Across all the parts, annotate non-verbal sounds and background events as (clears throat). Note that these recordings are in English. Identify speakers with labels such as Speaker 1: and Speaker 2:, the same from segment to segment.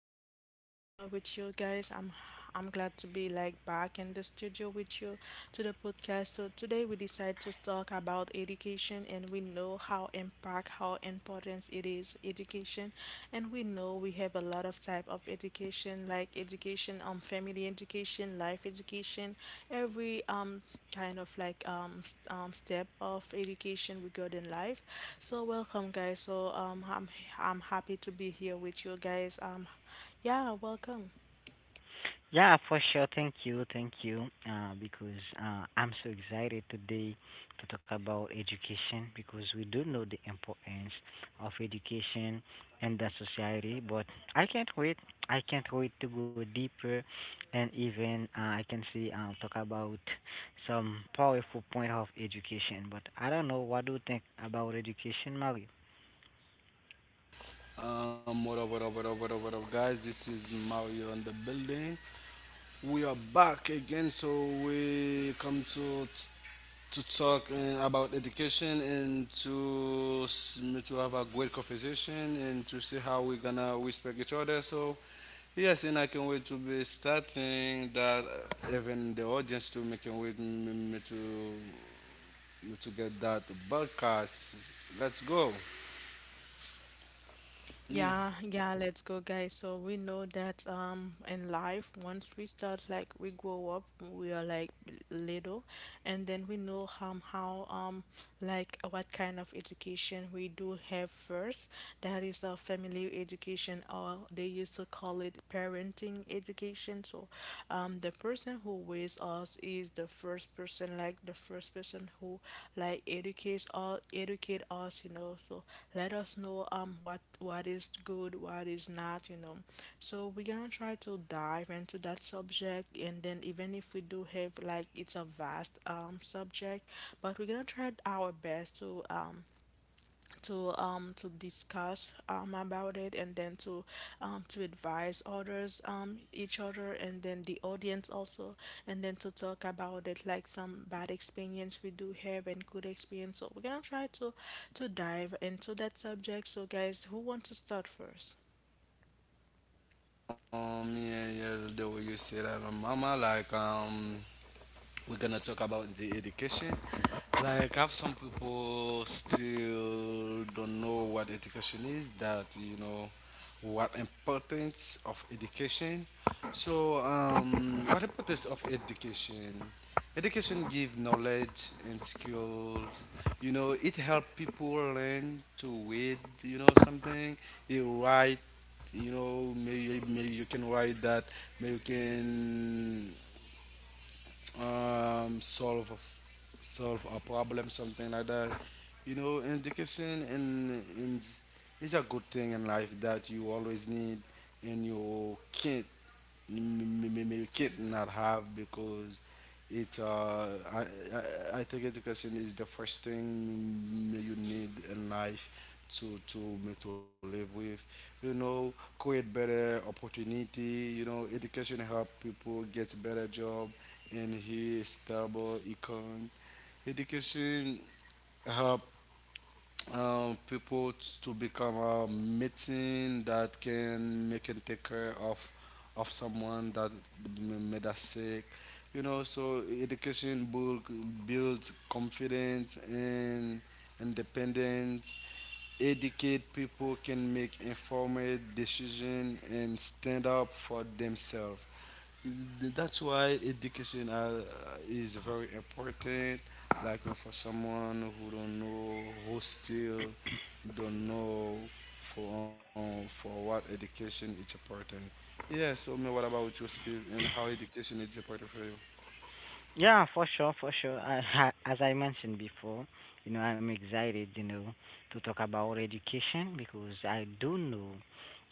Speaker 1: glad to be here with you guys. I'm glad to be like back in the studio with you to the podcast. So today we decide to talk about education, and we know how impact how important it is education, and we know we have a lot of type of education, like education, family education, life education, every kind of like step of education regarding life. So welcome, guys. So I'm happy to be here with you guys. Yeah, welcome.
Speaker 2: Yeah, for sure. Thank you. Thank you. Because I'm so excited today to talk about education because we do know the importance of education in the society. But I can't wait. I can't wait to go deeper and even I can see talk about some powerful point of education. But I don't know. What do you think about education, Mario?
Speaker 3: What up, what up, what up, what up, what up, guys? This is Mario on the building. We are back again, so we come to talk about education and to have a great conversation and to see how we're gonna respect each other. So yes, and I can wait to be starting that. Even the audience too, making wait me, me to me to get that broadcast. Let's go. Yeah.
Speaker 1: Yeah, yeah, let's go, guys. So we know that in life, once we start like we grow up, we are like little, and then we know how like what kind of education we do have first. That is a family education, or they used to call it parenting education. So, the person who weighs us is the first person, like the first person who like educate us, you know. So let us know what is good, what is not, you know. So we're gonna try to dive into that subject, and then even if we do have like it's a vast subject, but we're gonna try our best to to discuss about it and then to advise others each other and then the audience also, and then to talk about it like some bad experience we do have and good experience. So we're gonna try to dive into that subject. So guys, who want to start first?
Speaker 3: Yeah, yeah, the way you say that, mama, like, we're gonna talk about the education. Like, have some people still don't know what education is. That you know, what importance of education. So, what importance of education? Education give knowledge and skills. You know, it help people learn to read. You know, something you write. You know, maybe you can write that. Maybe you can solve solve a problem, something like that. You know, education in is a good thing in life that you always need, and you can't milk not have because it uh, I, I think education is the first thing you need in life to make to live with you know create better opportunity you know education help people get better job and here stable econ education help people to become a medicine that can make and take care of someone that made us sick. You know, so education builds confidence and independence educate people can make informed decision and stand up for themselves. That's why education is very important. Like for someone who don't know, who still don't know for what education is important. Yeah. So, me, what about you, Steve, and how education is important for you?
Speaker 2: Yeah, for sure, for sure. As I mentioned before, I'm excited, to talk about education because I do know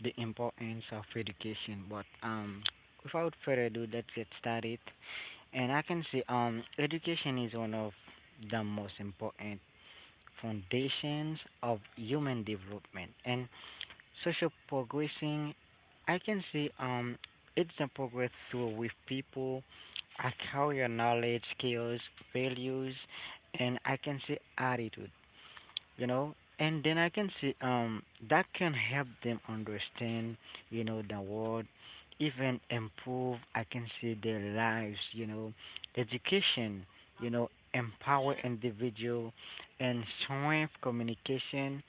Speaker 2: the importance of education. But without further ado, let's get started. And I can say, education is one of the most important foundations of human development. And social progressing, I can see, it's the progress through with people acquire knowledge, skills, values, and, I can see, attitude, and then, I can see, that can help them understand, the world, even improve, I can see, their lives, education, you know empower individual and strength communication,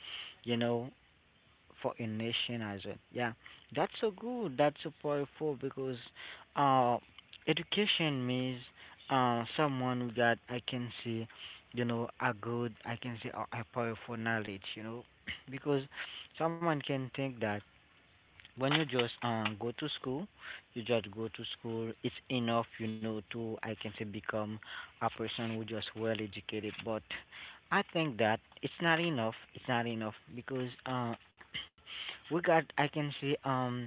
Speaker 2: you know for a nation as well. Yeah, that's so good. That's so powerful because uh, education means someone that, I can see, a good, I can say, a powerful knowledge, (clears throat) because someone can think that when you just go to school, you just go to school, it's enough, to, I can say, become a person who just well educated, but I think that it's not enough. It's not enough because we got, I can see,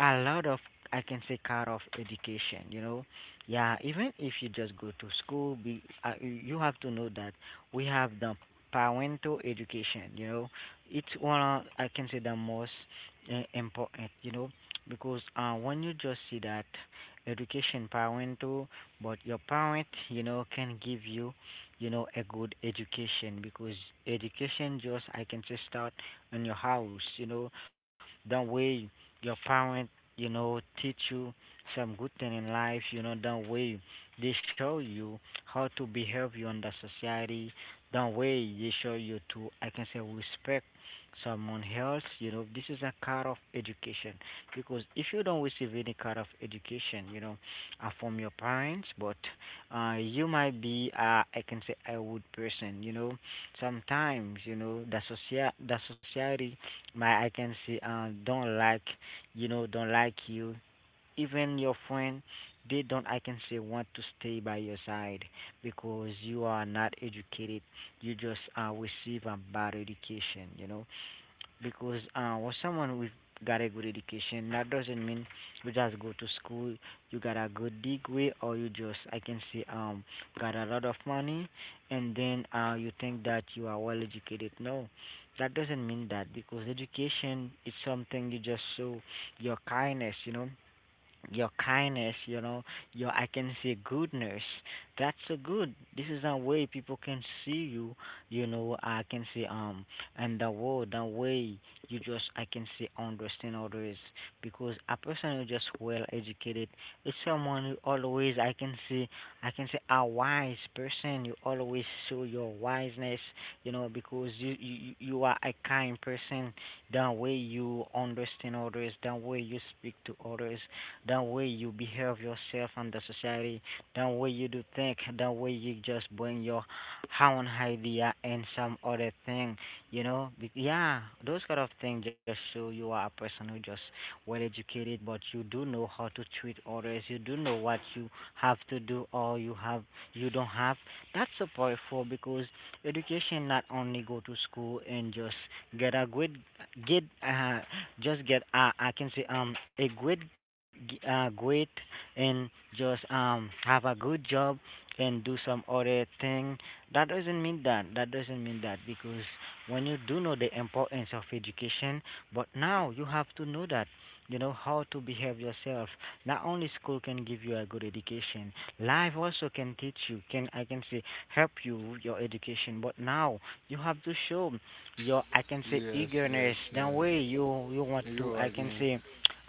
Speaker 2: a lot of, I can say, kind of education. Yeah, even if you just go to school, be you have to know that we have the parental education, It's one of, I can say, the most important, because when you just see that education parental, but your parent, can give you, a good education because education just, I can say, start in your house, the way your parent, teach you some good thing in life, that way they show you how to behave you in the society, that way they show you to, I can say, respect someone else, this is a kind of education. Because if you don't receive any kind of education, from your parents, but you might be, I can say, a wood person. Sometimes the society, my, I can say, don't like, you. Even your friend, they don't, I can say, want to stay by your side because you are not educated. You just receive a bad education, because for someone with got a good education, that doesn't mean you just go to school, you got a good degree, or you just, I can say, got a lot of money, and then you think that you are well educated. No, that doesn't mean that because education is something you just show your kindness, your kindness, your, I can say, goodness. That's so good. This is a way people can see you, I can say, and the world, the way you just, I can say, understand others because a person who just well educated is someone who always, I can say, a wise person. You always show your wiseness, because you are a kind person, the way you understand others, the way you speak to others, the way you behave yourself and the society, the way you do think, the way you just bring your own idea and some other thing. Yeah, those kind of things just show you are a person who just well educated, but you do know how to treat others. You do know what you have to do or you don't have. That's so powerful because education not only go to school and just get a good, get just get I can say, a good, great, and just have a good job and do some other thing. That doesn't mean that. That doesn't mean that because when you do know the importance of education, but now you have to know that you know how to behave yourself. Not only school can give you a good education, life also can teach you. Can, I can say, help you with your education. But now you have to show your, I can say,
Speaker 3: Yes,
Speaker 2: eagerness.
Speaker 3: yes,
Speaker 2: That
Speaker 3: yes.
Speaker 2: way you want to,
Speaker 3: You're
Speaker 2: I
Speaker 3: right,
Speaker 2: can
Speaker 3: man.
Speaker 2: say,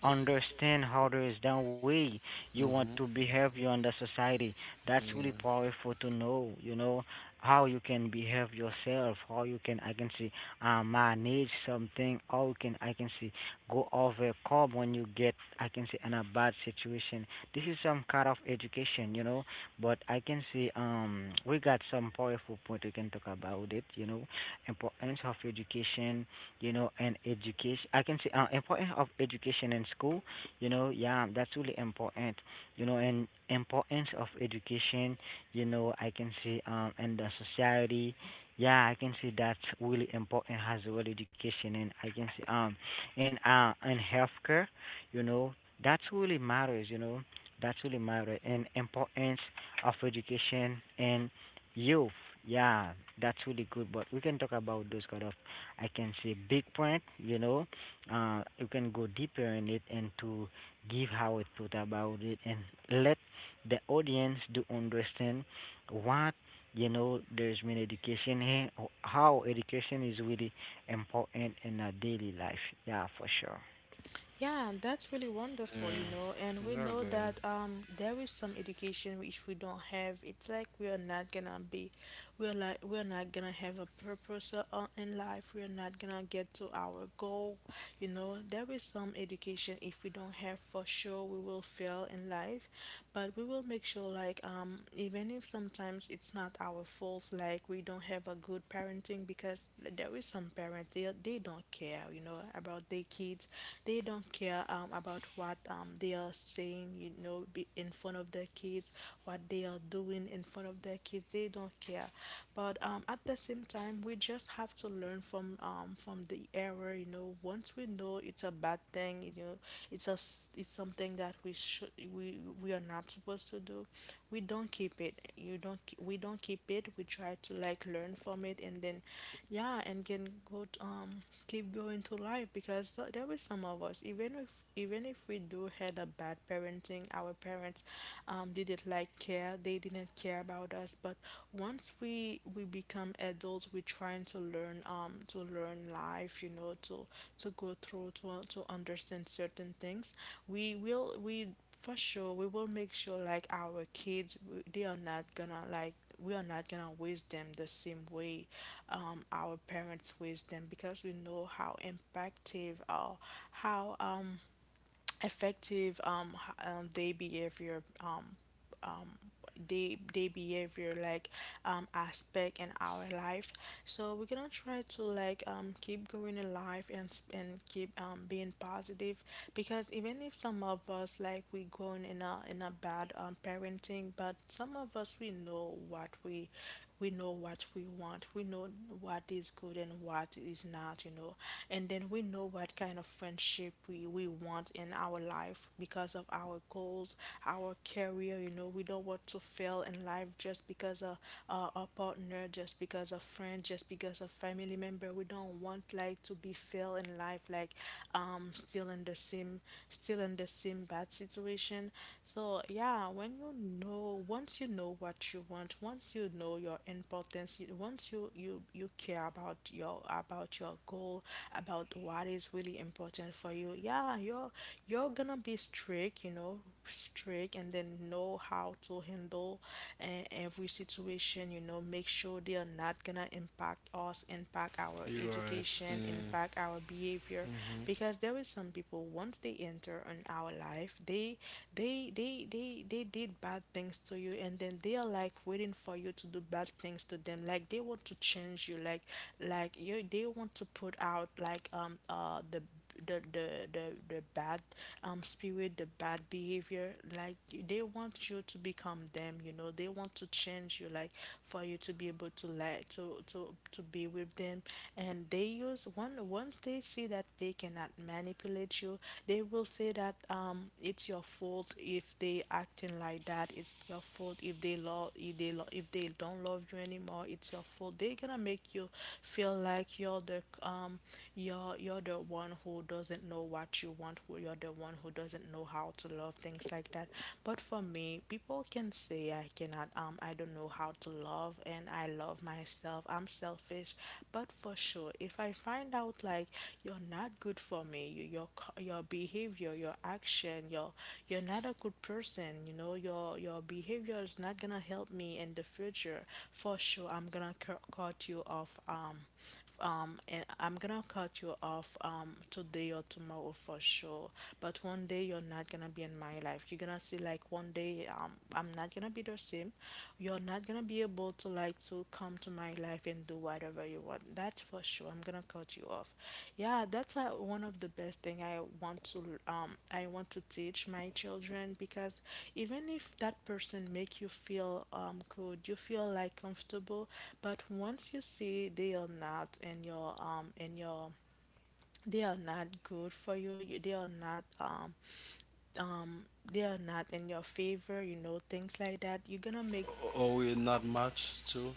Speaker 2: understand how there is, that way you want to
Speaker 3: Mm-hmm.
Speaker 2: behave you in the society. That's really
Speaker 3: Yeah,
Speaker 2: powerful to know. You know how you can behave yourself, how you can, I can say, manage something, how you can, I can see, go overcome when you get, I can say, in a bad situation. This is some kind of education. But, I can see, we got some powerful point we can talk about it, importance of education, and education. I can say, importance of education in school, yeah, that's really important, and importance of education, I can say, in the society, yeah, I can say that's really important as well, education, and I can say, in healthcare, you know, that's really matters, that's really matter, and importance of education and Youth, yeah, that's really good. But we can talk about those kind of, I can say, big point. You can go deeper in it and to give how it thought about it and let the audience do understand what you know. There's been education here, or how education is really important in our daily life. Yeah, for sure,
Speaker 1: Yeah, and that's really wonderful, you
Speaker 3: yeah.
Speaker 1: know. And we
Speaker 3: Very
Speaker 1: know
Speaker 3: good.
Speaker 1: that there is some education which we don't have. It's like we are not gonna be, we're not gonna have a purpose in life. We're not gonna get to our goal, you know. There is some education if we don't have for sure we will fail in life, but we will make sure like even if sometimes it's not our fault, like we don't have a good parenting, because there is some parents, they don't care, you know, about their kids. They don't care about what they are saying, you know, be in front of their kids, what they are doing in front of their kids. They don't care. But at the same time we just have to learn from the error, you know. Once we know it's a bad thing wrong, you know, it's something that we should, we are not supposed to do, we don't keep it. You don't ke- We don't keep it. We try to like learn from it, and then yeah, and can keep going to life, because there were some of us, even if we do had a bad parenting, our parents didn't like care, they didn't care about us. But one once we become adults, we're trying to learn life, you know, to go through, to understand certain things. We will we For sure we will make sure like our kids, they are not gonna like, we are not gonna waste them the same way our parents waste them, because we know how impactive or how effective their behavior, day behavior, like aspect in our life. So we're gonna try to like keep going in life and and keep being positive, because even if some of us like we going in a bad parenting, but some of us we know what we know what we want, we know what is good and what is not, you know. And then we know what kind of friendship we want in our life because of our goals, our career, you know. We don't want to fail in life just because of a partner, just because of friend, just because of family member. We don't want like to be fail in life, like still in the same still in the same bad situation. So feel, yeah, when you know, once you know what you want, once you know your importance, once you, you care about your goal, about what is really important for you, yeah, you're gonna be strict, you know, strict, and then know how to handle uh, every situation. You know, make sure they are not gonna impact us, impact our
Speaker 3: You're right.
Speaker 1: education,
Speaker 3: Yeah.
Speaker 1: impact our behavior, because there is some people once they enter on our life, they they did bad things to you, and then they are like waiting for you to do bad things to them. Like they want to change you, like you they want to put out like the the the the bad spirit, the bad behavior, like they want you to become them, you know. They want to change you, like for you to be able to like to be with them. And they use one once they see that they cannot manipulate you, they will say that it's your fault if they acting like that, it's your fault if they love, if they don't love you anymore. It's your fault. They're gonna make you feel like you're the you're the one who doesn't know what you want, who you're the one who doesn't know how to love, things like that. But for me, people can say I cannot thinking, I don't know how to love, and I love myself. I'm selfish. But for sure, if I find out like you're not good for me, your your behavior, your action, your you're not a good person, you know, your behavior is not gonna help me in the future. For sure, I'm gonna cut you off and I'm gonna cut you off today or tomorrow. For sure, but one day you're not gonna be in my life. You're gonna see, like one day I'm not gonna be the same. You're not gonna be able to like to come to my life and do whatever you want. That's for sure, I cut you off. Yeah, that's why one of the best thing I want to teach my children, because even if that person make you feel good, you feel like comfortable, but once you see they are not in your they are not good for you, um they are not in your favor, you know, things like that, you're gonna make.
Speaker 3: Or we're not much too.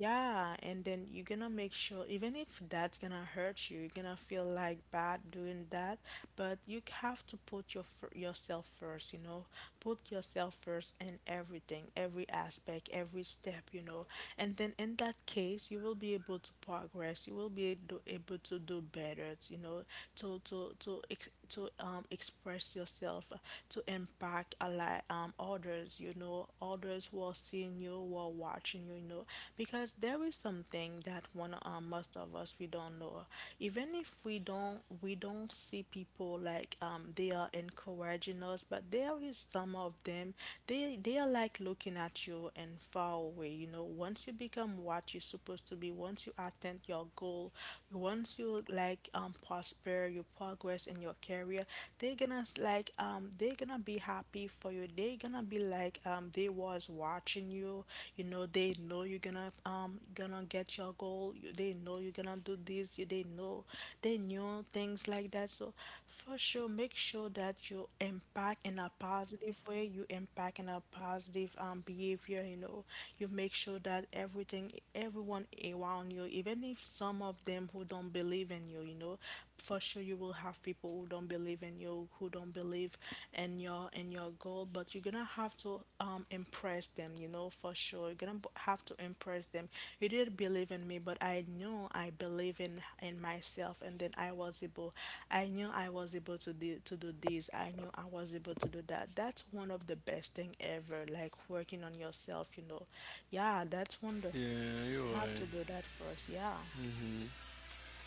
Speaker 1: Yeah, and then you're gonna make sure, even if that's gonna hurt you, you're gonna feel like bad doing that, but you have to put your yourself first, you know, put yourself first in everything, every aspect, every step, you know. And then in that case, you will be able to progress, you will be able, able to do better, you know, to express yourself, to impact a lot others, you know, others who are seeing you, who are watching you, you know, because there is something that one most of us we don't know. Even if we don't see people like they are encouraging us, but there is some of them they are like looking at you and far away. You know, once you become what you're supposed to be, once you attain your goal, once you like prosper your progress in your career, they're gonna they're gonna be happy for you. They're gonna be like they was watching you, you know. They know you're gonna gonna get your goal. They know you're gonna do this, you they know, they knew, things like that. So for sure, make sure that you impact in a positive way, you impact in a positive behavior, you know. You make sure that everything, everyone around you, even if some of them who don't believe in you, you know. For sure you will have people who don't believe in you, who don't believe in your goal, but you're gonna have to impress them, you know. For sure, you're gonna have to impress them. You didn't believe in me, but I knew I believe in myself, and then I was able, I knew I was able to do, to do this. I knew I was able to do that. That's one of the best thing ever, like working on yourself, you know. Yeah, that's wonderful.
Speaker 3: Yeah, you're
Speaker 1: You have
Speaker 3: right.
Speaker 1: to do that first. Yeah.
Speaker 3: Hmm.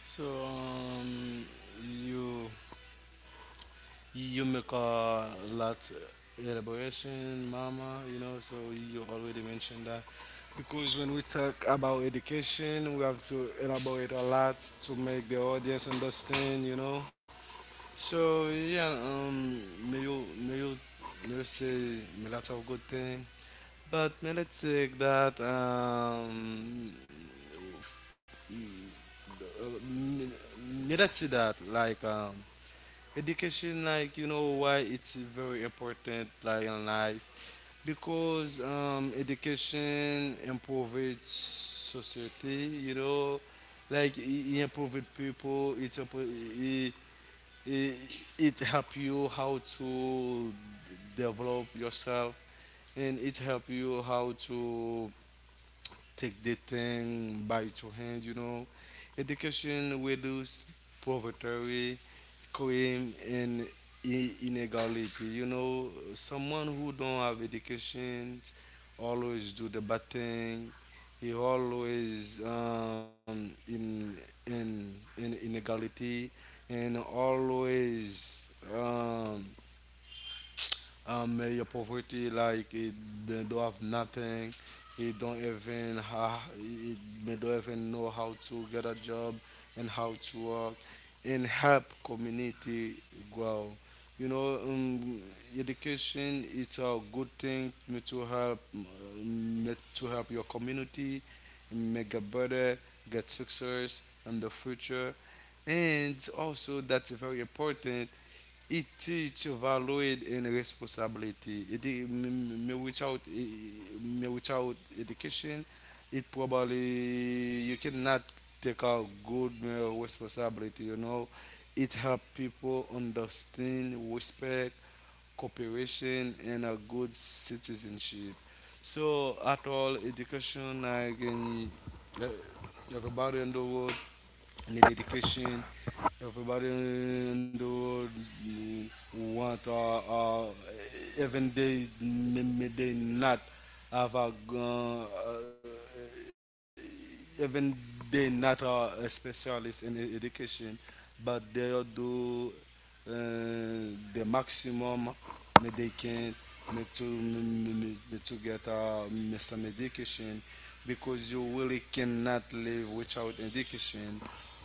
Speaker 3: So you you make a lot elaboration, mama. You know, so you already mentioned that because when we talk about education, we have to elaborate a lot to make the audience understand. You know. So yeah, may you may you may you say a lot of good thing. But let's say that m- let's say that like education, like you know why it's very important like in life because education improves society. You know, like it improves people. It impo- it, it it help you how to develop yourself and it help you how to take the thing by two hand, you know. Education reduce poverty, crime, and inequality. You know, someone who don't have education always do the bad thing. He always in in in inequality, and always um, your poverty, like it, they don't have nothing, he don't even ha he they don't even know how to get a job and how to work and help community grow. You know, education it's a good thing to help your community make a better, get success in the future, and also that's very important. It teach valued in responsibility. It I- m- m- without I- m- Without education, it probably you cannot take out good responsibility. You know, it help people understand respect, cooperation, and a good citizenship. So at all education, I can uh, everybody in the world and the dedication. Everybody in the world want even they may, they not have a even they not are a specialist in education, but they'll do uh, the maximum that they can me to me- me- to get me some education because you really cannot live without education.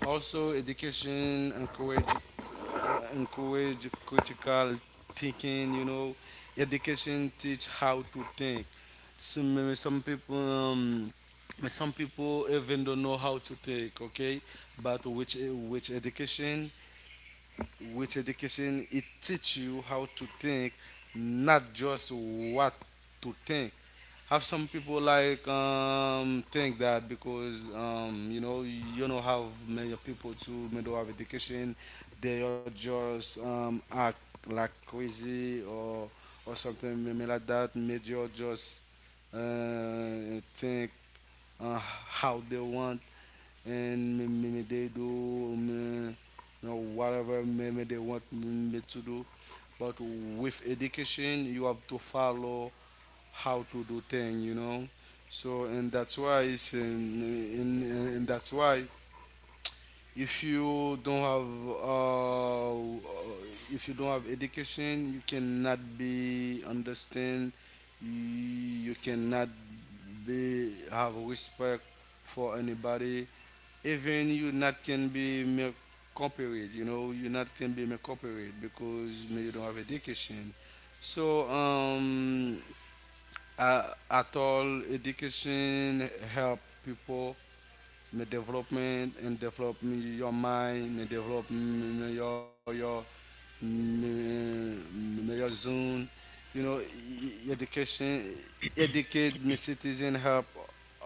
Speaker 3: Also, education encourage encourage critical thinking, you know. Education teach how to think. Some some people um, some people even don't know how to think, okay? But which education with education it teach you how to think, not just what to think. Have some people like think that because you know you don't have many people to middle of education they are just act like crazy or something maybe like that, maybe you just think how they want and me they do me, you know, whatever me they want me to do. But with education, you have to follow how to do things, you know. So in, and that's why if you don't have if you don't have education, you cannot be understand. You cannot be have respect for anybody. Even you not can be make corporate. You know you not can be make corporate because maybe you don't have education. So at all education help people me development and develop me your mind, me develop me your me, me your zone, you know, education, educate my citizen, help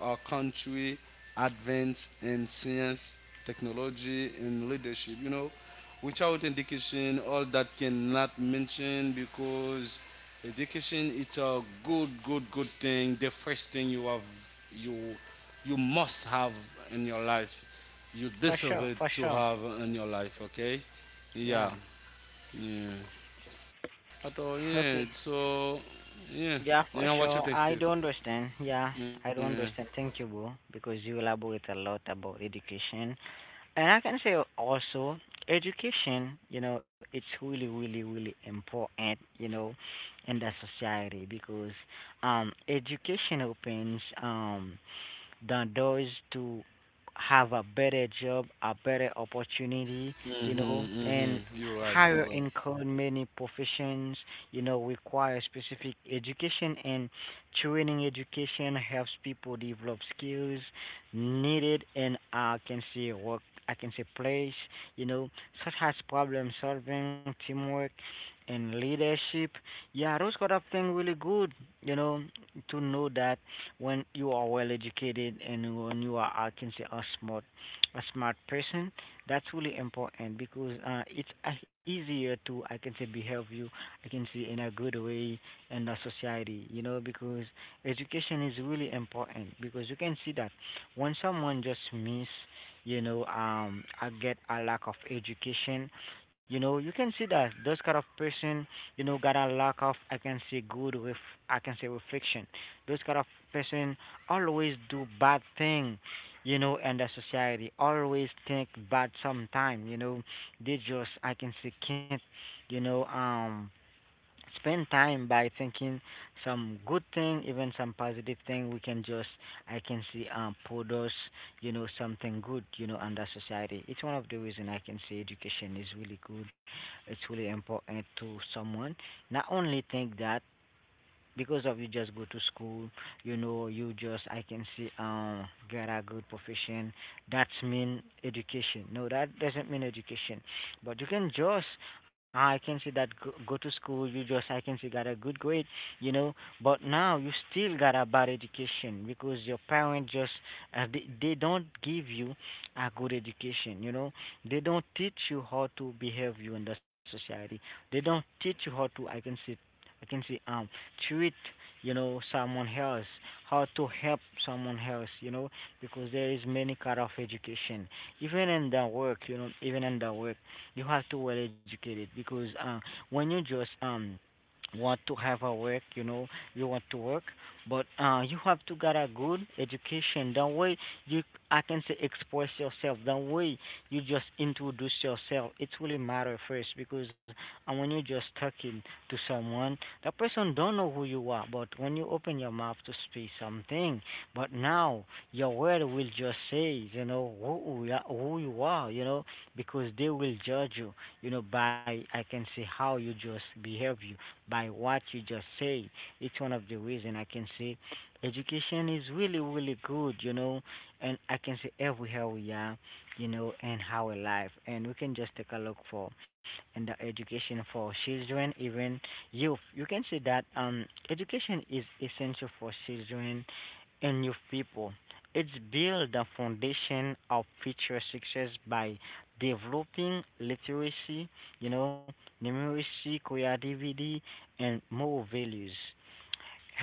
Speaker 3: our country advance in science, technology, and leadership. You know, without education, all that cannot mention because education it's a good thing. The first thing you, you must have in your life. You
Speaker 2: for
Speaker 3: deserve
Speaker 2: sure,
Speaker 3: it
Speaker 2: for
Speaker 3: to
Speaker 2: sure.
Speaker 3: have in your life. Okay,
Speaker 2: Yeah.
Speaker 3: yeah, yeah at all. Yeah.
Speaker 2: Okay.
Speaker 3: So, yeah.
Speaker 2: Yeah, for
Speaker 3: Yeah.
Speaker 2: sure.
Speaker 3: What you think,
Speaker 2: I do
Speaker 3: Steve?
Speaker 2: understand. Yeah, I do
Speaker 3: Yeah.
Speaker 2: understand. Thank you, bro, because you elaborate a lot about education, and I can say also education, it's really, really, really important, in the society because education opens, the doors to have a better job, a better opportunity,
Speaker 3: Mhm.
Speaker 2: and
Speaker 3: Mhm. You're
Speaker 2: higher
Speaker 3: right. You're right.
Speaker 2: income. Many professions, require specific education and training. Education helps people develop skills needed and, I can see, work, I can see, place, you know, such as problem solving, teamwork, and leadership. Yeah, those kind of things really good, you know, to know that when you are well educated and when you are, I can say, a smart person, that's really important because it's easier to, I can say, behave you, I can say, in a good way in the society, because education is really important because you can see that when someone just miss, I get a lack of education, you can see that those kind of person, got a lack of, I can say, good with, I can say, reflection, those kind of person always do bad thing, and the society always think bad sometime, they just, I can say, can't, you know um spend time by thinking some good thing, even some positive thing. We can just, I can see, produce, something good, under society. It's one of the reason I can say education is really good. It's really important to someone. Not only think that because of you just go to school, you just, I can see, get a good profession, that's mean education, no, that doesn't mean education, but you can just, I can see, that go to school, you just, I can see, got a good grade, you know but now you still got a bad education because your parents just, they don't give you a good education, they don't teach you how to behave you in the society, they don't teach you how to, I can see, treat, someone else, how to help someone else, because there is many kind of education, even in the work you know even in the work you have to well educated because when you just want to have a work, you want to work, but you have to get a good education. That way, you, I can say, express yourself. That way, you just introduce yourself. It really matter first because when you're just talking to someone, that person don't know who you are, but when you open your mouth to speak something. But now your word will just say you know who you are, who you are, you know, because they will judge you, you know, by I can say how you just behave you, by what you just say. It's one of the reason I can say education is really really good, you know, and I can say everywhere we are, you know, and how our life, and we can just take a look for and the education for children, even youth. You can say that education is essential for children and youth people. It's build the foundation of future success by developing literacy, you know, numeracy, creativity, and moral values.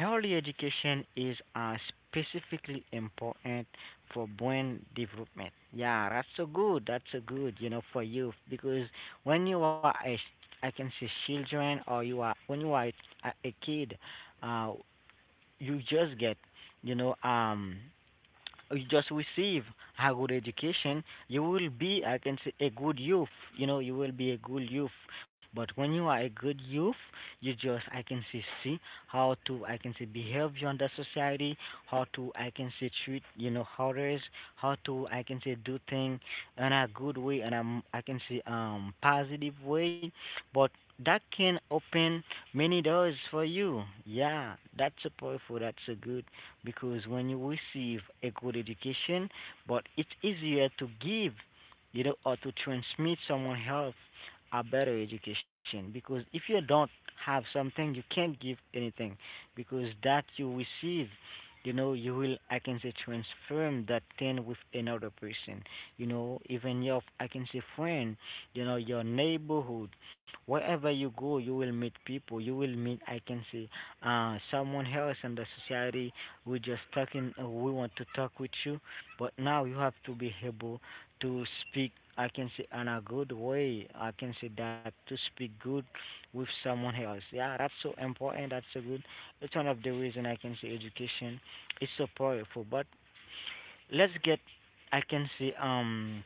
Speaker 2: Early education is specifically important for brain development. Yeah, that's so good. That's so good, you know, for youth because when you are a, I can say children, or you are when you are a kid, uh, you just get, you know, um you just receive a good education, you will be, I can say, a good youth. You know, you will be a good youth. But when you are a good youth, you just, I can say, see how to, I can say, behave you under society, how to, I can say, treat, you know, others, how to, I can say, do things in a good way, and I can say, positive way. But that can open many doors for you. Yeah, that's a powerful, that's a good because when you receive a good education, but it's easier to give, you know, or to transmit someone else a better education, because if you don't have something, you can't give anything, because that you receive, you know, you will, I can say, transform that thing with another person, you know, even your, I can say, friend, you know, your neighborhood, wherever you go, you will meet people, you will meet, I can say, someone else in the society we're just talking. We want to talk with you, but now you have to be able to speak. I can say in a good way. I can say that to speak good with someone else. Yeah, that's so important. That's so good. It's one of the reason I can say education is so powerful. But let's get I can say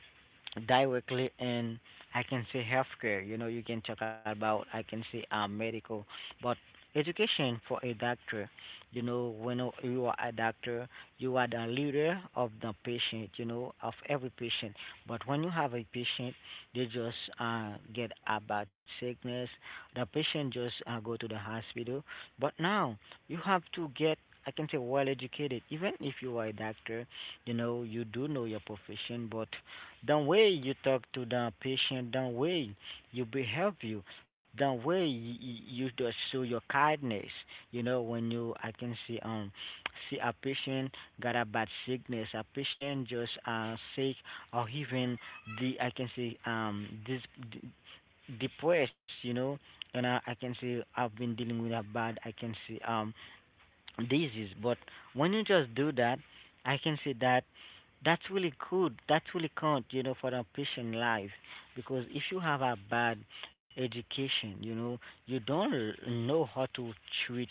Speaker 2: directly in I can say healthcare. You know, you can talk about I can say medical, but education for a doctor. You know, when you are a doctor, you are the leader of the patient. You know, of every patient. But when you have a patient, they just get about sickness. The patient just go to the hospital. But now you have to get I can say well educated. Even if you are a doctor, you know you do know your profession, but the way you talk to the patient, the way you behave you, the way you just show your kindness, you know, when you I can see see a patient got a bad sickness, a patient just sick, or even the I can see this depressed, you know, and I can see I've been dealing with a bad I can see disease. But when you just do that, I can say that that's really good. That's really count, you know, for a patient life. Because if you have a bad education, you know, you don't know how to treat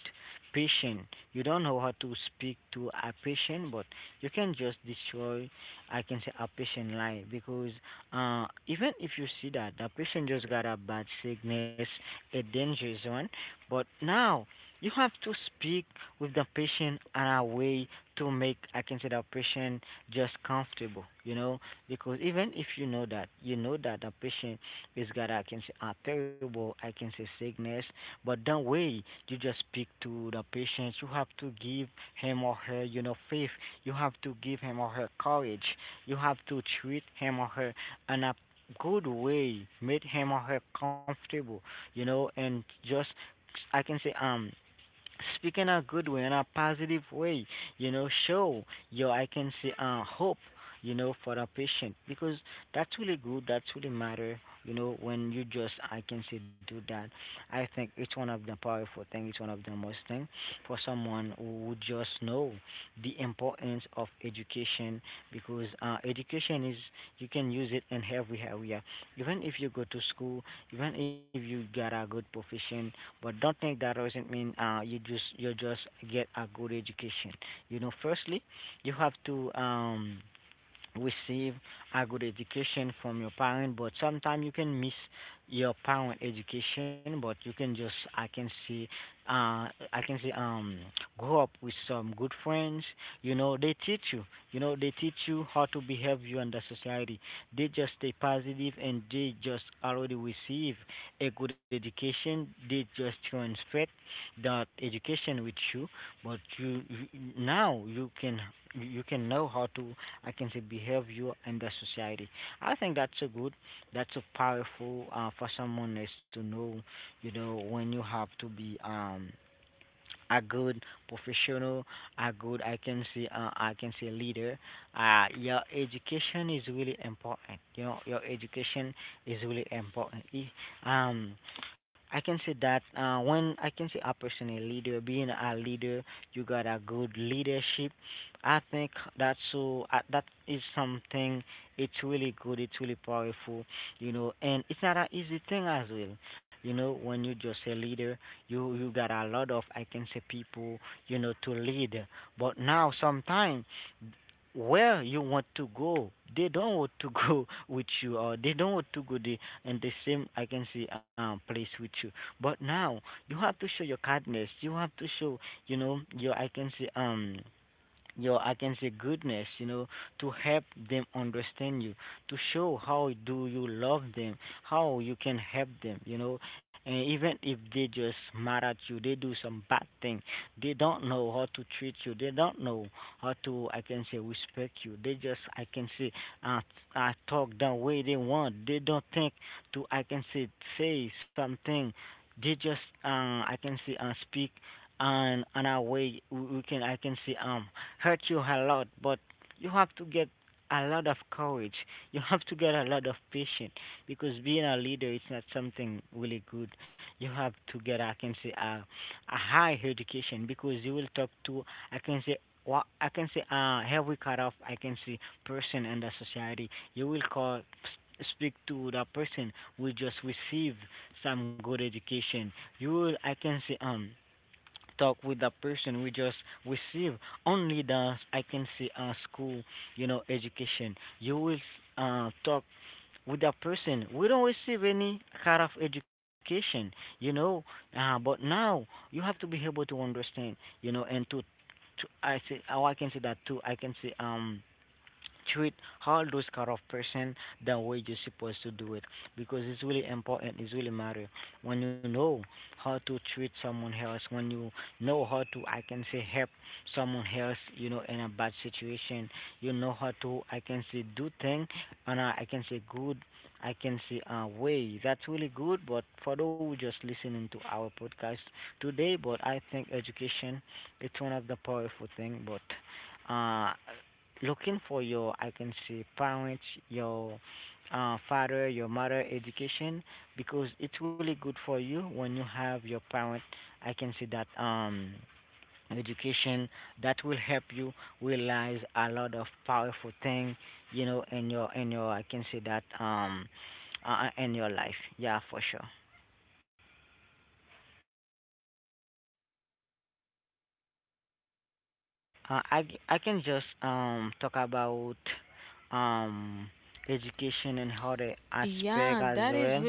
Speaker 2: patient. You don't know how to speak to a patient, but you can just destroy, I can say, a patient life. Because even if you see that the patient just got a bad sickness, a dangerous one, but now you have to speak with the patient in a way to make I can say the patient just comfortable, you know, because even if you know that you know that the patient is got I can say a terrible I can say sickness, but the way you just speak to the patient, you have to give him or her, you know, faith, you have to give him or her courage, you have to treat him or her in a good way, make him or her comfortable, you know, and just I can say speak in a good way, in a positive way, you know, show your, I can say, hope, you know, for the patient because that's really good, that's really matter, you know, when you just, I can say, do that. I think it's one of the powerful thing, it's one of the most thing for someone who would just know the importance of education because education is, you can use it in every area. Even if you go to school, even if you got a good profession, but don't think that doesn't mean you just get a good education. You know, firstly, you have to receive a good education from your parent, but sometimes you can miss your parent education, but you can just I can see I can say grow up with some good friends, you know they teach you, you know they teach you how to behave you in the society, they just stay positive and they just already receive a good education, they just transfer that education with you, but you now you can, you can know how to I can say behavior in the society. I think that's a good, that's a powerful for someone is to know, you know, when you have to be a good professional, a good I can say leader. Your education is really important. You know, your education is really important. If, um, I can say that when I can say a person a leader, being a leader, you got a good leadership. I think that's so that is something. It's really good. It's really powerful. You know, and it's not an easy thing as well. You know, when you just a leader, you got a lot of I can say people, you know, to lead, but now sometimes where you want to go they don't want to go (laughs) with you, or they don't want to go the in the same I can say place with you. But now you have to show your kindness, you have to show, you know, your I can say you know, I can say goodness, you know, to help them understand you, to show how do you love them, how you can help them, you know, and even if they just mad at you, they do some bad thing, they don't know how to treat you, they don't know how to, I can say, respect you, they just, I can say, uh, talk the way they want, they don't think to, I can say, say something, they just, I can say, speak and on our way we can I can say hurt you a lot, but you have to get a lot of courage. (laughs) You have to get a lot of patience because being a leader is not something really good. You have to get, I can say, a high education because you will talk to, I can say, I can say, every cut off? I can say, person in the society. You will call, speak to the person who just received some good education. You will, I can say, talk with that person. We just receive only the I can say school, you know, education. You will talk with that person. We don't receive any kind of education, you know. But now you have to be able to understand, you know, and to I say how I can say that too. I can say treat all those kind of person the way you're supposed to do it, because it's really important, it's really matter when you know how to treat someone else, when you know how to I can say help someone else, you know, in a bad situation, you know how to I can say do thing and I can say good I can say way. That's really good, but for those who just listening to our podcast today, but I think education, it's one of the powerful thing, but looking for your I can say parents, your father, your mother education, because it's really good for you when you have your parent I can say that education, that will help you realize a lot of powerful thing, you know, in your I can say that in your life. Yeah, for sure. I can just talk about um education and how the aspect as well.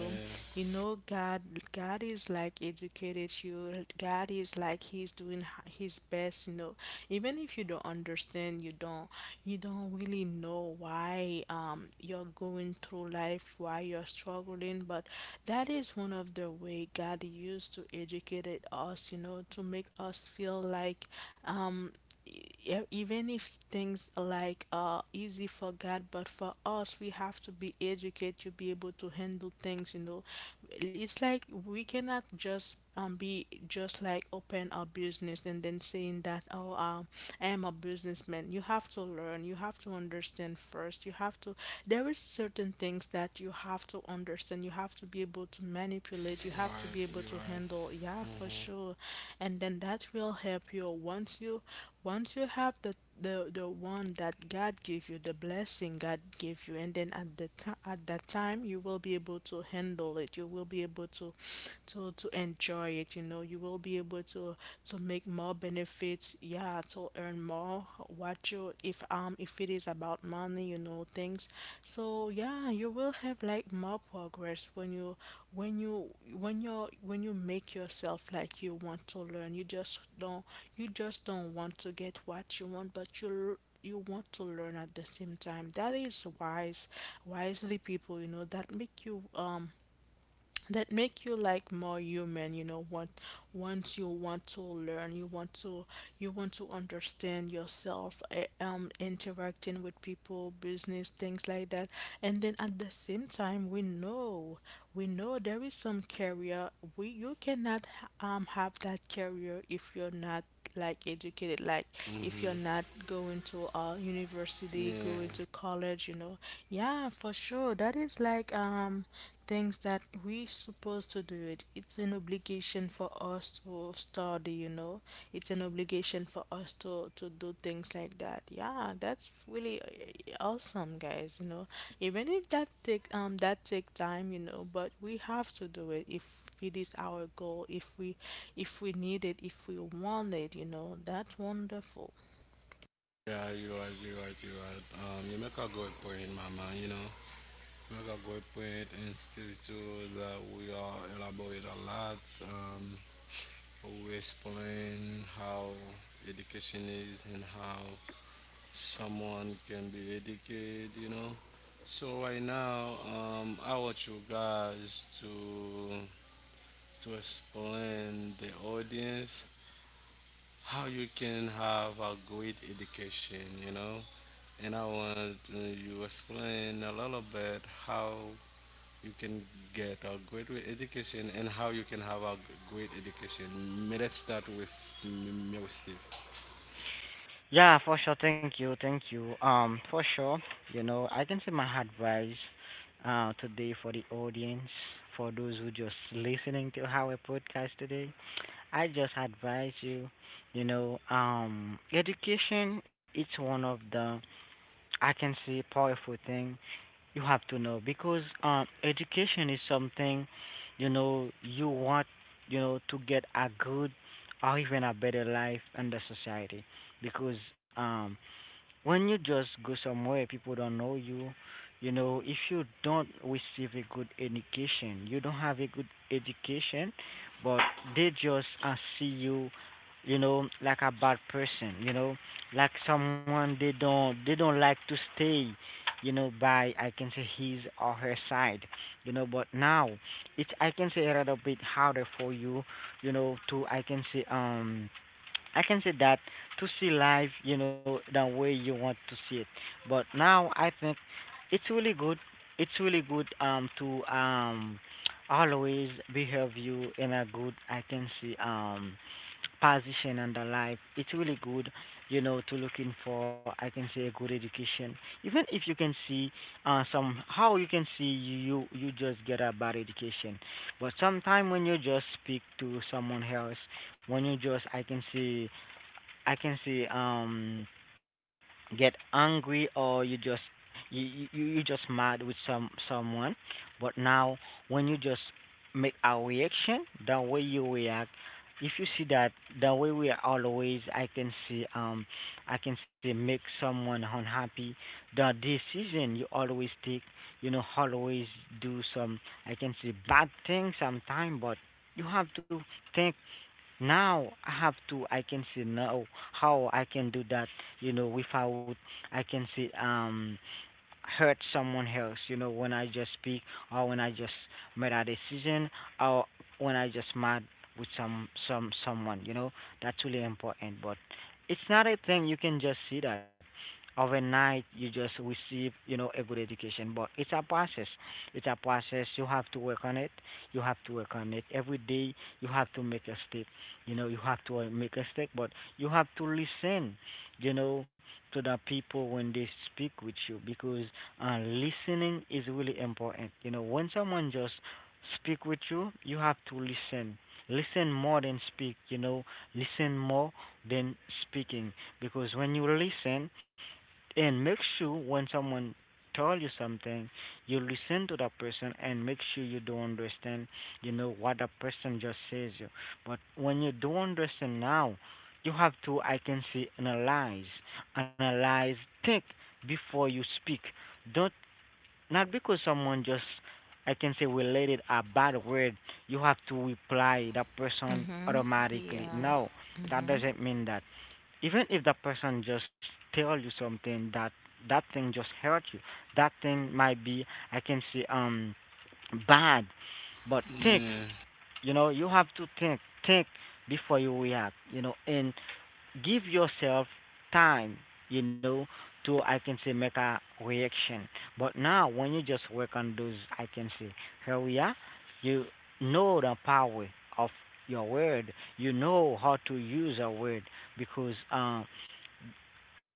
Speaker 3: Yeah. Right. You're right. Mhm. Yeah. Yeah. You're right. You make a good point, Mama. You know. Make a good point, and Steve too. That we are elaborate a lot. We explain how education is and how someone can be educated, you know. So right now, I want you guys to explain the audience how you can have a great education, you know. And I want you explain a little bit how you can get a great education and how you can have a great education. May let's start with me with Steve.
Speaker 2: Yeah, for sure. Thank you. Thank you. For sure. I can say my advice today for the audience, for those who just listening to our podcast today, I just advise you, education it's one of the I can say powerful thing you have to know, because education is something, you want, to get a good or even a better life in the society. Because when you just go somewhere people don't know you, you know if you don't receive a good education, you don't have a good education, but they just see you, you know like a bad person, like someone they don't like to stay, by I can say his or her side, but now it's I can say a little bit harder for you, you know to I can say I can say that, to see life, the way you want to see it. But now I think it's really good. It's really good to always behave you in a good I can see position in the life. It's really good, to looking for I can say a good education. Even if you can see some how you can see you just get a bad education. But sometime when you just speak to someone else, when you just I can see get angry, or you just you just mad with someone. But now when you just make a reaction, the way you react, if you see that the way we are always I can see make someone unhappy, the decision you always take, always do some I can see bad thing sometimes. But you have to think. Now I have to I can see now how I can do that, without I can see hurt someone else, when I just speak, or when I just made a decision, or when I just mad with someone, That's really important. But it's not a thing you can just see that overnight you just receive, a good education. But it's a process. It's a process. You have to work on it. You have to work on it. Every day you have to make a step. You have to make a step. But you have to listen, you know to the people when they speak with you, because listening is really important. When someone just speak with you, you have to listen. Listen more than speak, listen more than speaking, because when you listen, and make sure when someone tell you something, you listen to that person and make sure you do understand, what that person just says you. But when you do not understand now, you have to, I can say, analyze, analyze, think before you speak. Don't, not because someone just, I can say, related a bad word, you have to reply that person automatically. No, that doesn't mean that even if that person just tell you something, that that thing just hurt you, that thing might be I can say bad, but think,
Speaker 3: Mm,
Speaker 2: you have to think before you react, and give yourself time, you know to I can say make a reaction. But now when you just work on those I can say, here we are, you the power of your word, how to use a word. Because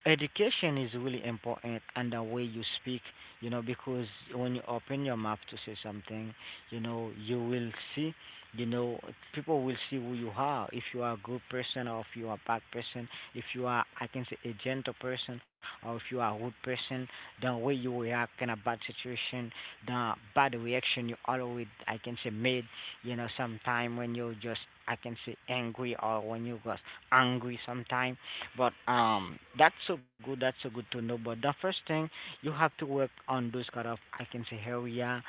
Speaker 2: education is really important, and the way you speak, because when you open your mouth to say something, you will see, you know, people will see who you are. If you are a good person or if you are a bad person, if you are, I can say, a gentle person, or if you are a rude person, the way you react in a bad situation, the bad reaction you always, I can say, made, sometime when you just, I can say, angry or when you got angry sometime, but that's so good. That's so good to know. But the first thing, you have to work on those kind of I can say area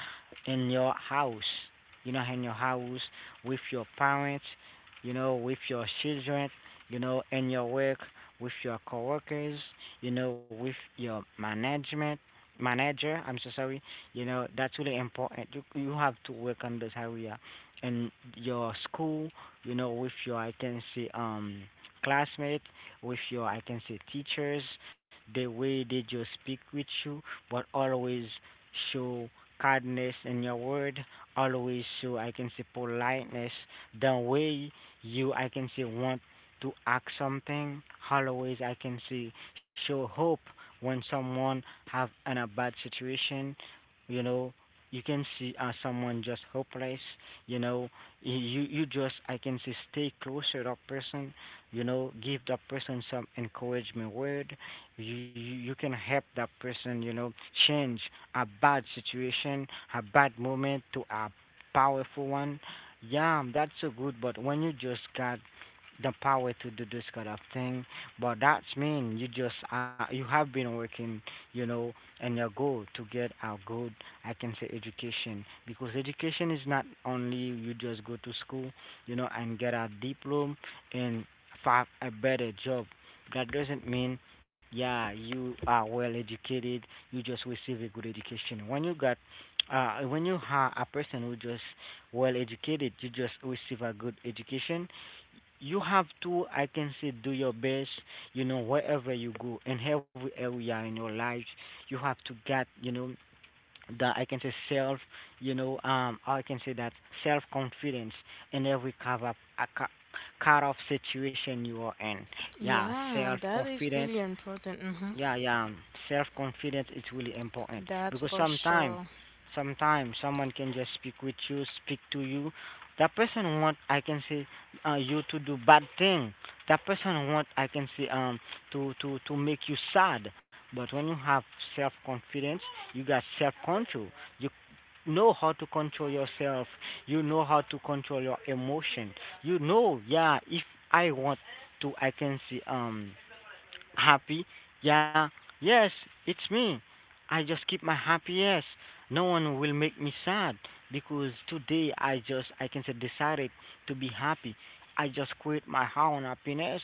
Speaker 2: in your house. In your house with your parents. With your children. In your work with your coworkers. With your management manager. I'm so sorry. That's really important. You have to work on this area in your school. With your I can say classmates, with your I can say teachers, the way they just speak with you. But always show kindness in your word, always show I can say politeness, the way you I can say want to act something, always I can say show hope when someone have in a bad situation, you know, you can see someone just hopeless, you know you you just I can say stay closer to that person, give that person some encouragement word. You you can help that person, change a bad situation, a bad moment to a powerful one. Yeah, that's so good. But when you just got the power to do this kind of thing, but that's mean you just you have been working, you know and your goal to get a good I can say education. Because education is not only you just go to school, and get a diploma, and find a better job. That doesn't mean, yeah, you are well educated, you just receive a good education. When you got, when you have a person who just well educated, you just receive a good education. You have to, I can say, do your best, wherever you go, in every area in your life, you have to get, the I can say self, I can say that self confidence in every kind of kind of situation you are in. Yeah, self confidence, yeah, yeah. Self confidence is really important, because sometimes, sometimes someone can just speak with you, speak to you. That person want I can say you to do bad thing. That person want I can say to make you sad. But when you have self confidence, you got self control. You know how to control yourself. You know how to control your emotion. You know, yeah. If I want to, I can see happy? Yeah. Yes, it's me. I just keep my happy, yes. No one will make me sad, because today I just I can say decided to be happy. I just create my own happiness.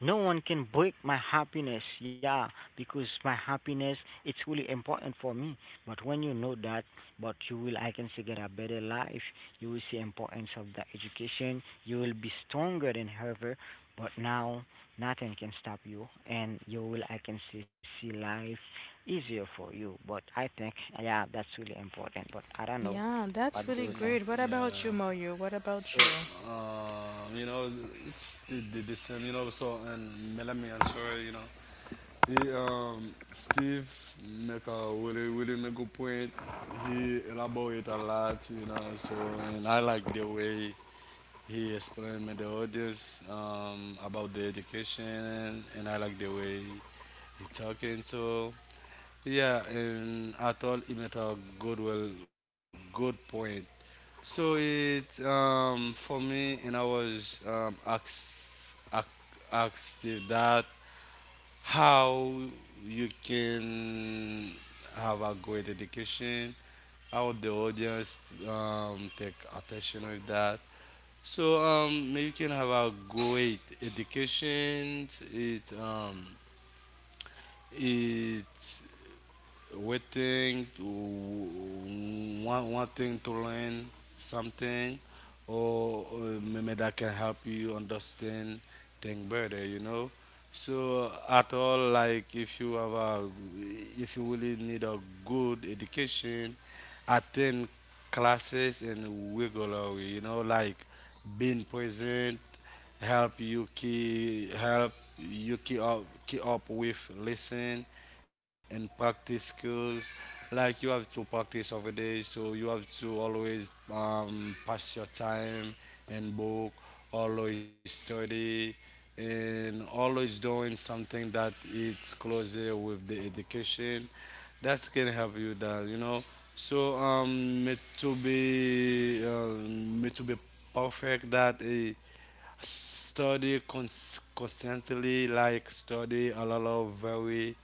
Speaker 2: No one can break my happiness. Yeah, because my happiness it's really important for me. But when you know that, but you will I can say get a better life. You will see importance of the education. You will be stronger than ever. But now nothing can stop you, and you will, I can see, see life easier for you. But I think, yeah, that's really important. But I don't know what do you
Speaker 3: y-
Speaker 2: think.
Speaker 3: yeah. So, you know, it's the same, you know, so, and Melanie and Sora, you know, he, Steve make a really make good point. He elaborate a lot, you know, so, and I like the way he explained me the audience, about the education, and I like the way he talking, so, yeah, and at all, he made a good, well, good point, so it for me and I was asked asked that how you can have a great education, how the audience take attention with that. So you can have a great education. It it we think one thing to learn something or maybe that can help you understand thing better, you know. So at all, like if you have a if you really need a good education, attend classes and regularly, you know, like being present help you keep up with listen and practice skills. Like you have to practice every day, so you have to always pass your time and book, always study, and always doing something that it's closer with the education. That can help you that, you know. So me to be perfect that. Study constantly, like study a lot of very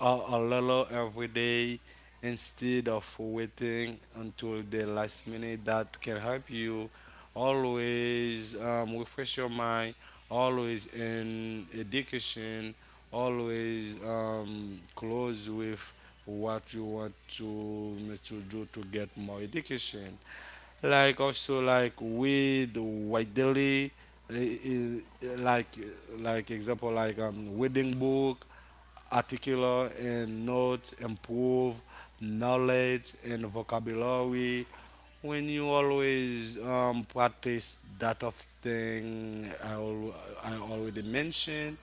Speaker 3: a lot of every day instead of waiting until the last minute. That can help you always refresh your mind, always in education, always close with what you want to do to get more education, like also like with white daily, like like example like wedding book, articular and notes, improve knowledge and vocabulary. When you always practice that of thing I already mentioned,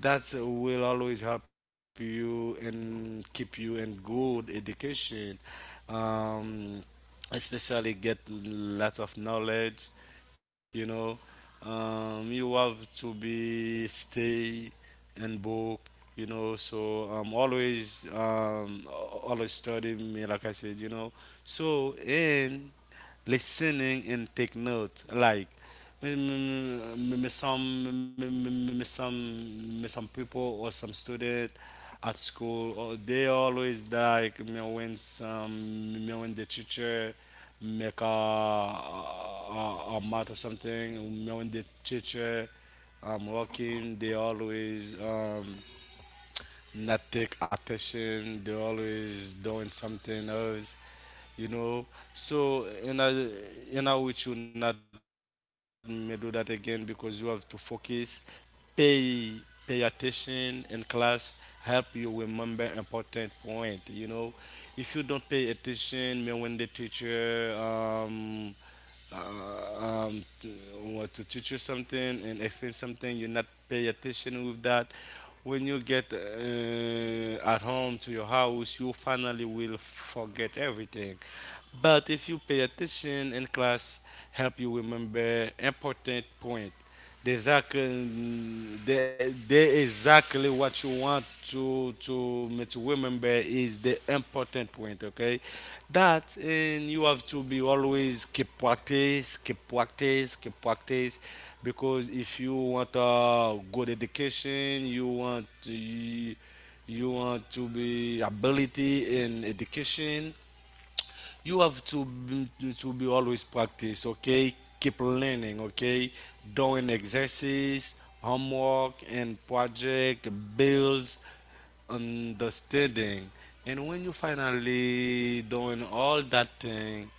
Speaker 3: that will always help you and keep you in good education. Um, especially get lots of knowledge, you know, you have to be stay and book, you know, so always study me like I said, you know, so and listening and take note. Like me, me, me- me some me, me, me me some people or some student at school, or they always like me when the teacher make a a math or something me when the teacher working, they always not take attention. They always doing something else, you know. So in a which you not may do that again because you have to focus, pay pay attention in class, help you remember important point. You know, if you don't pay attention, may when the teacher uh, um, t- want to teach you something and explain something, you not pay attention with that, when you get at home to your house you finally will forget everything. But if you pay attention in class, help you remember important point. There's exactly, there, exactly what you want to me to remember is the important point. Okay, that and you have to be always keep practice, keep practice, keep practice, because if you want a good education, you want to be ability in education. You have to be always practice. Okay, keep learning. Okay, doing exercise, homework and project builds understanding. And when you finally doing all that thing,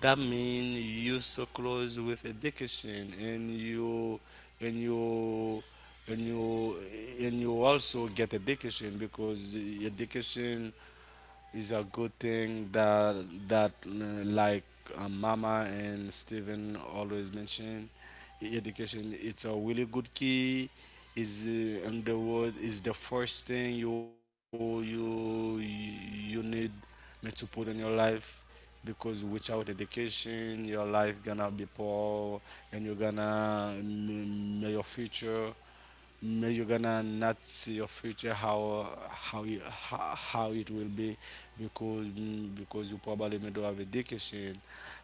Speaker 3: that means you so close with education. And you and you and you and you also get education, because education, it's a good thing that that like, Mama and Steven always mention, education. It's a really good key. Is, in the world, is the first thing you need me to put in your life, because without education your life gonna be poor, and you're gonna your future. May you're gonna not see your future how it will be, because because you probably may don't have education.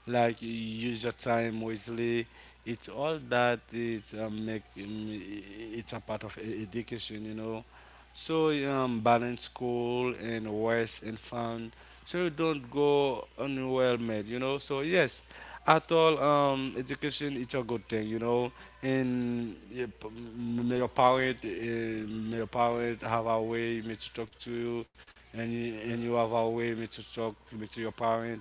Speaker 3: Like, you use your time wisely. It's all that it, make it's a part of education, you know. So, balance school and rest and fun. So you don't go unwhelmed, you know. So yes, at all, education, it's a good thing, you know. And yeah, may your parent have a way may to talk to you, and you have a way me to talk me to your parent,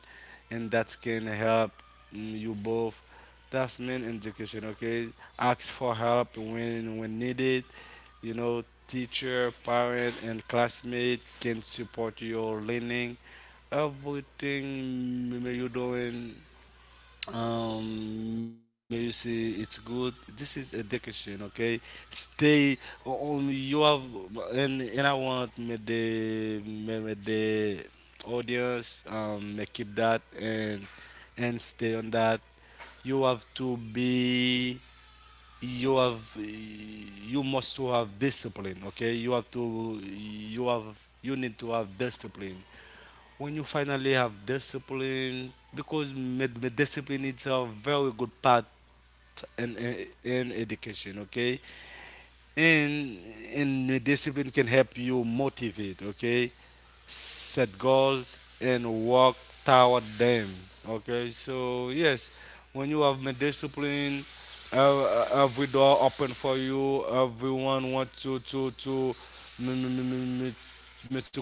Speaker 3: and that can help, you both. That's main indication. Okay, ask for help when needed. You know, teacher, parent and classmate can support your learning, everything you're doing. You see, it's good. This is education, okay? Stay on. You have, and I want me the, me the audience, me keep that, and stay on that. You have to be you have you must to have discipline, okay? You have to you need to have discipline. When you finally have discipline, because discipline is a very good part in education. Okay, and and discipline can help you motivate. Okay, set goals and work toward them. Okay, so yes, when you have my discipline, every door open for you. Everyone want to me, me, me, me, me,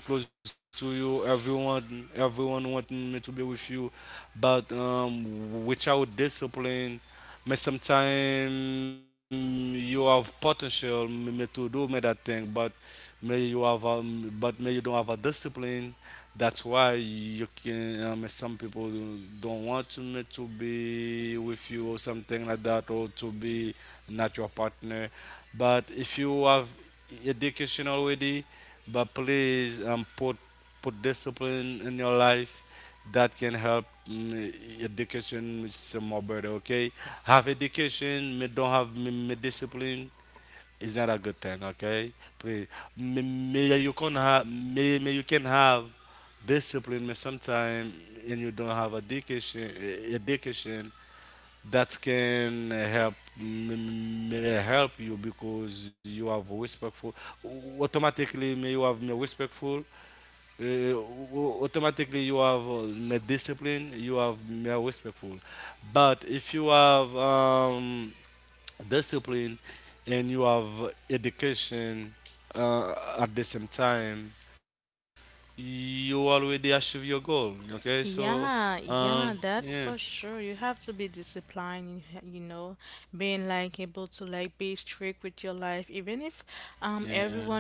Speaker 3: me to close to you. Everyone want me to be with you. But, without discipline, but sometimes you have potential to do me that thing. But may you have, but may you don't have a discipline. That's why you can. Some people don't want to me to be with you or something like that, or to be not your partner. But if you have education already, but please, put discipline in your life. That can help, education some more better. Okay, have education but don't have me, me discipline is not a good thing. Okay, please, you can have, me, me you can have discipline, but sometimes and you don't have education. Education, that can help me help you, because you have respectful. Automatically me you have me respectful. uh, uh, Automatically you have, discipline, you have more respectful. But if you have, discipline and you have education, uh, at the same time, you already achieve your goal. Okay, so, um, yeah, yeah,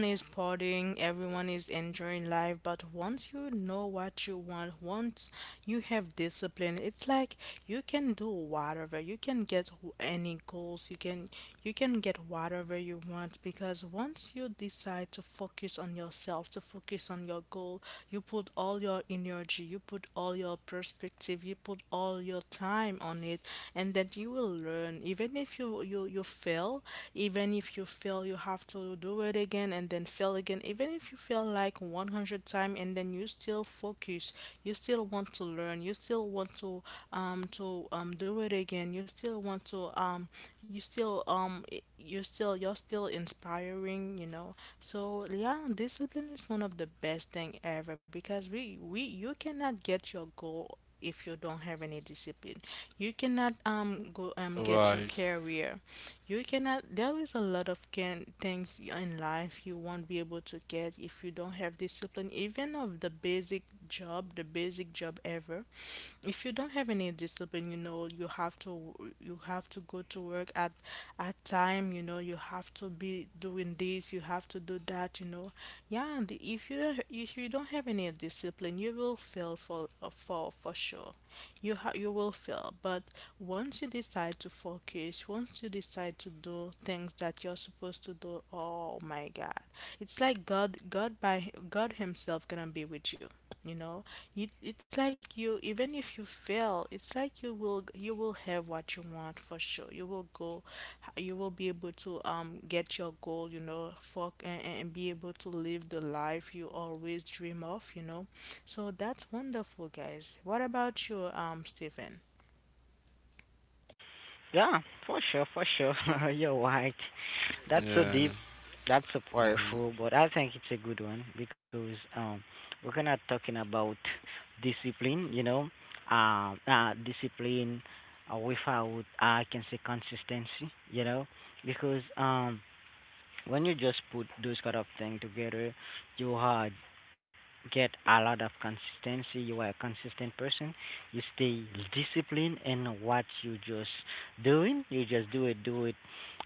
Speaker 3: right,
Speaker 2: Yeah, for sure, for sure. (laughs) You're right. That's
Speaker 3: yeah.
Speaker 2: so deep. That's so
Speaker 3: Mhm.
Speaker 2: powerful. But I think it's a good one, because we're kind of talking about discipline. Discipline without I can say consistency. Because when you just put those kind of thing together, you get a lot of consistency. You are a consistent person. You stay disciplined in what you just doing. You just do it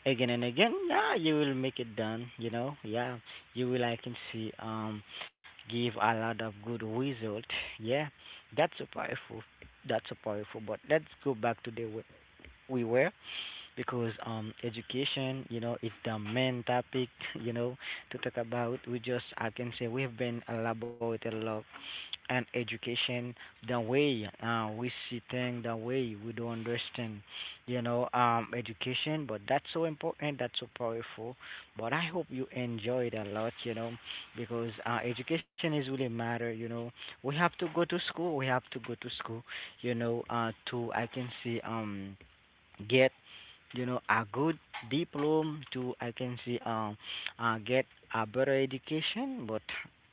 Speaker 2: again and again. Yeah, you will make it done. You know, yeah, you will. I can see give a lot of good result. Yeah, that's so powerful. That's so powerful. But let's go back to the way we were, because education, it's the main topic, (laughs) you know, to talk about. We just I can say we have been elaborated a lot, and education, the way we see things, the way we do understand, education, but that's so important, that's so powerful. But I hope you enjoyed a lot, because education is really matter, We have to go to school, we have to go to school, to I can say get, a good diploma to I can see get a better education. But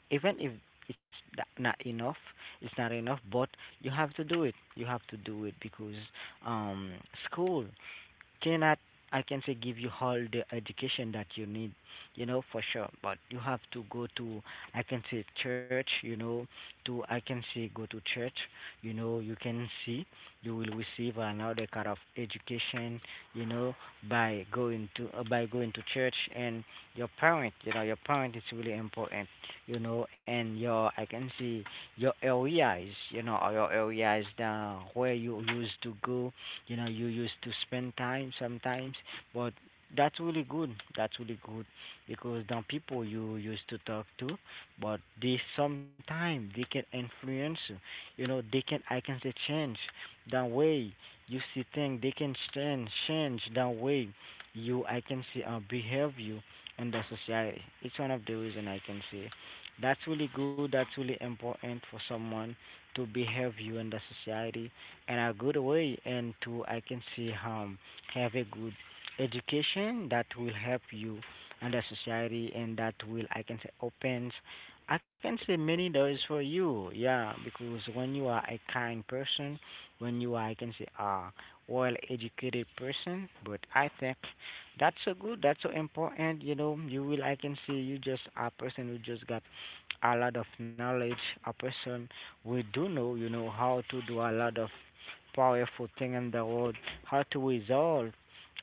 Speaker 2: even if it's not enough, it's not enough, but you have to do it, you have to do it. Because um school cannot I can say give you all the education that you need, for sure. But you have to go to I can say church, to I can say go to church, you can see you will receive another kind of education, you know by going to church. And your parent, your parent is really important, and your I can see your areas, or your areas that where you used to go, you used to spend time sometimes. But that's really good, that's really good, because the people you used to talk to, but they sometimes they can influence you, you know they can I can say change the way you see things. They can change the way you I can say behave you in the society. It's one of the reason I can say that's really good, that's really important for someone to behave you in the society in a good way, and to I can say have a good education that will help you and the society, and that will I can say opens I can say many doors for you. Yeah, because when you are a kind person, when you are I can say a well educated person, but I think that's so good, that's so important, you will I can say you just a person who just got a lot of knowledge, a person who do know, how to do a lot of powerful thing in the world. How to resolve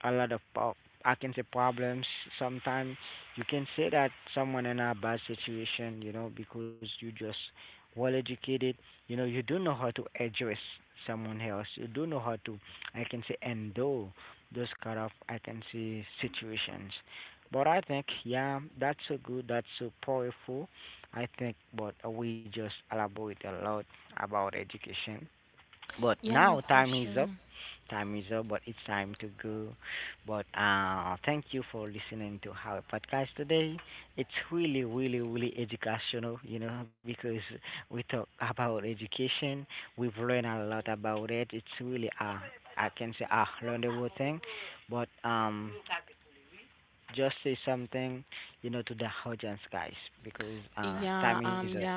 Speaker 2: a lot of I can say problems. Sometimes you can say that someone in a bad situation, because you just well educated. You know, you do know how to address someone else. You do know how to, I can say, endure those kind of, I can say, situations. But I think, yeah, that's so good. That's so powerful. I think, but we just elaborate a lot about education, but now time is up. Time is up, but it's time to go. But thank you for listening to our podcast today. It's really, really, really educational, because we talk about education. We've learned a lot about it. It's really I can say a learnable thing. But just say something, to the audience, guys, because time is up.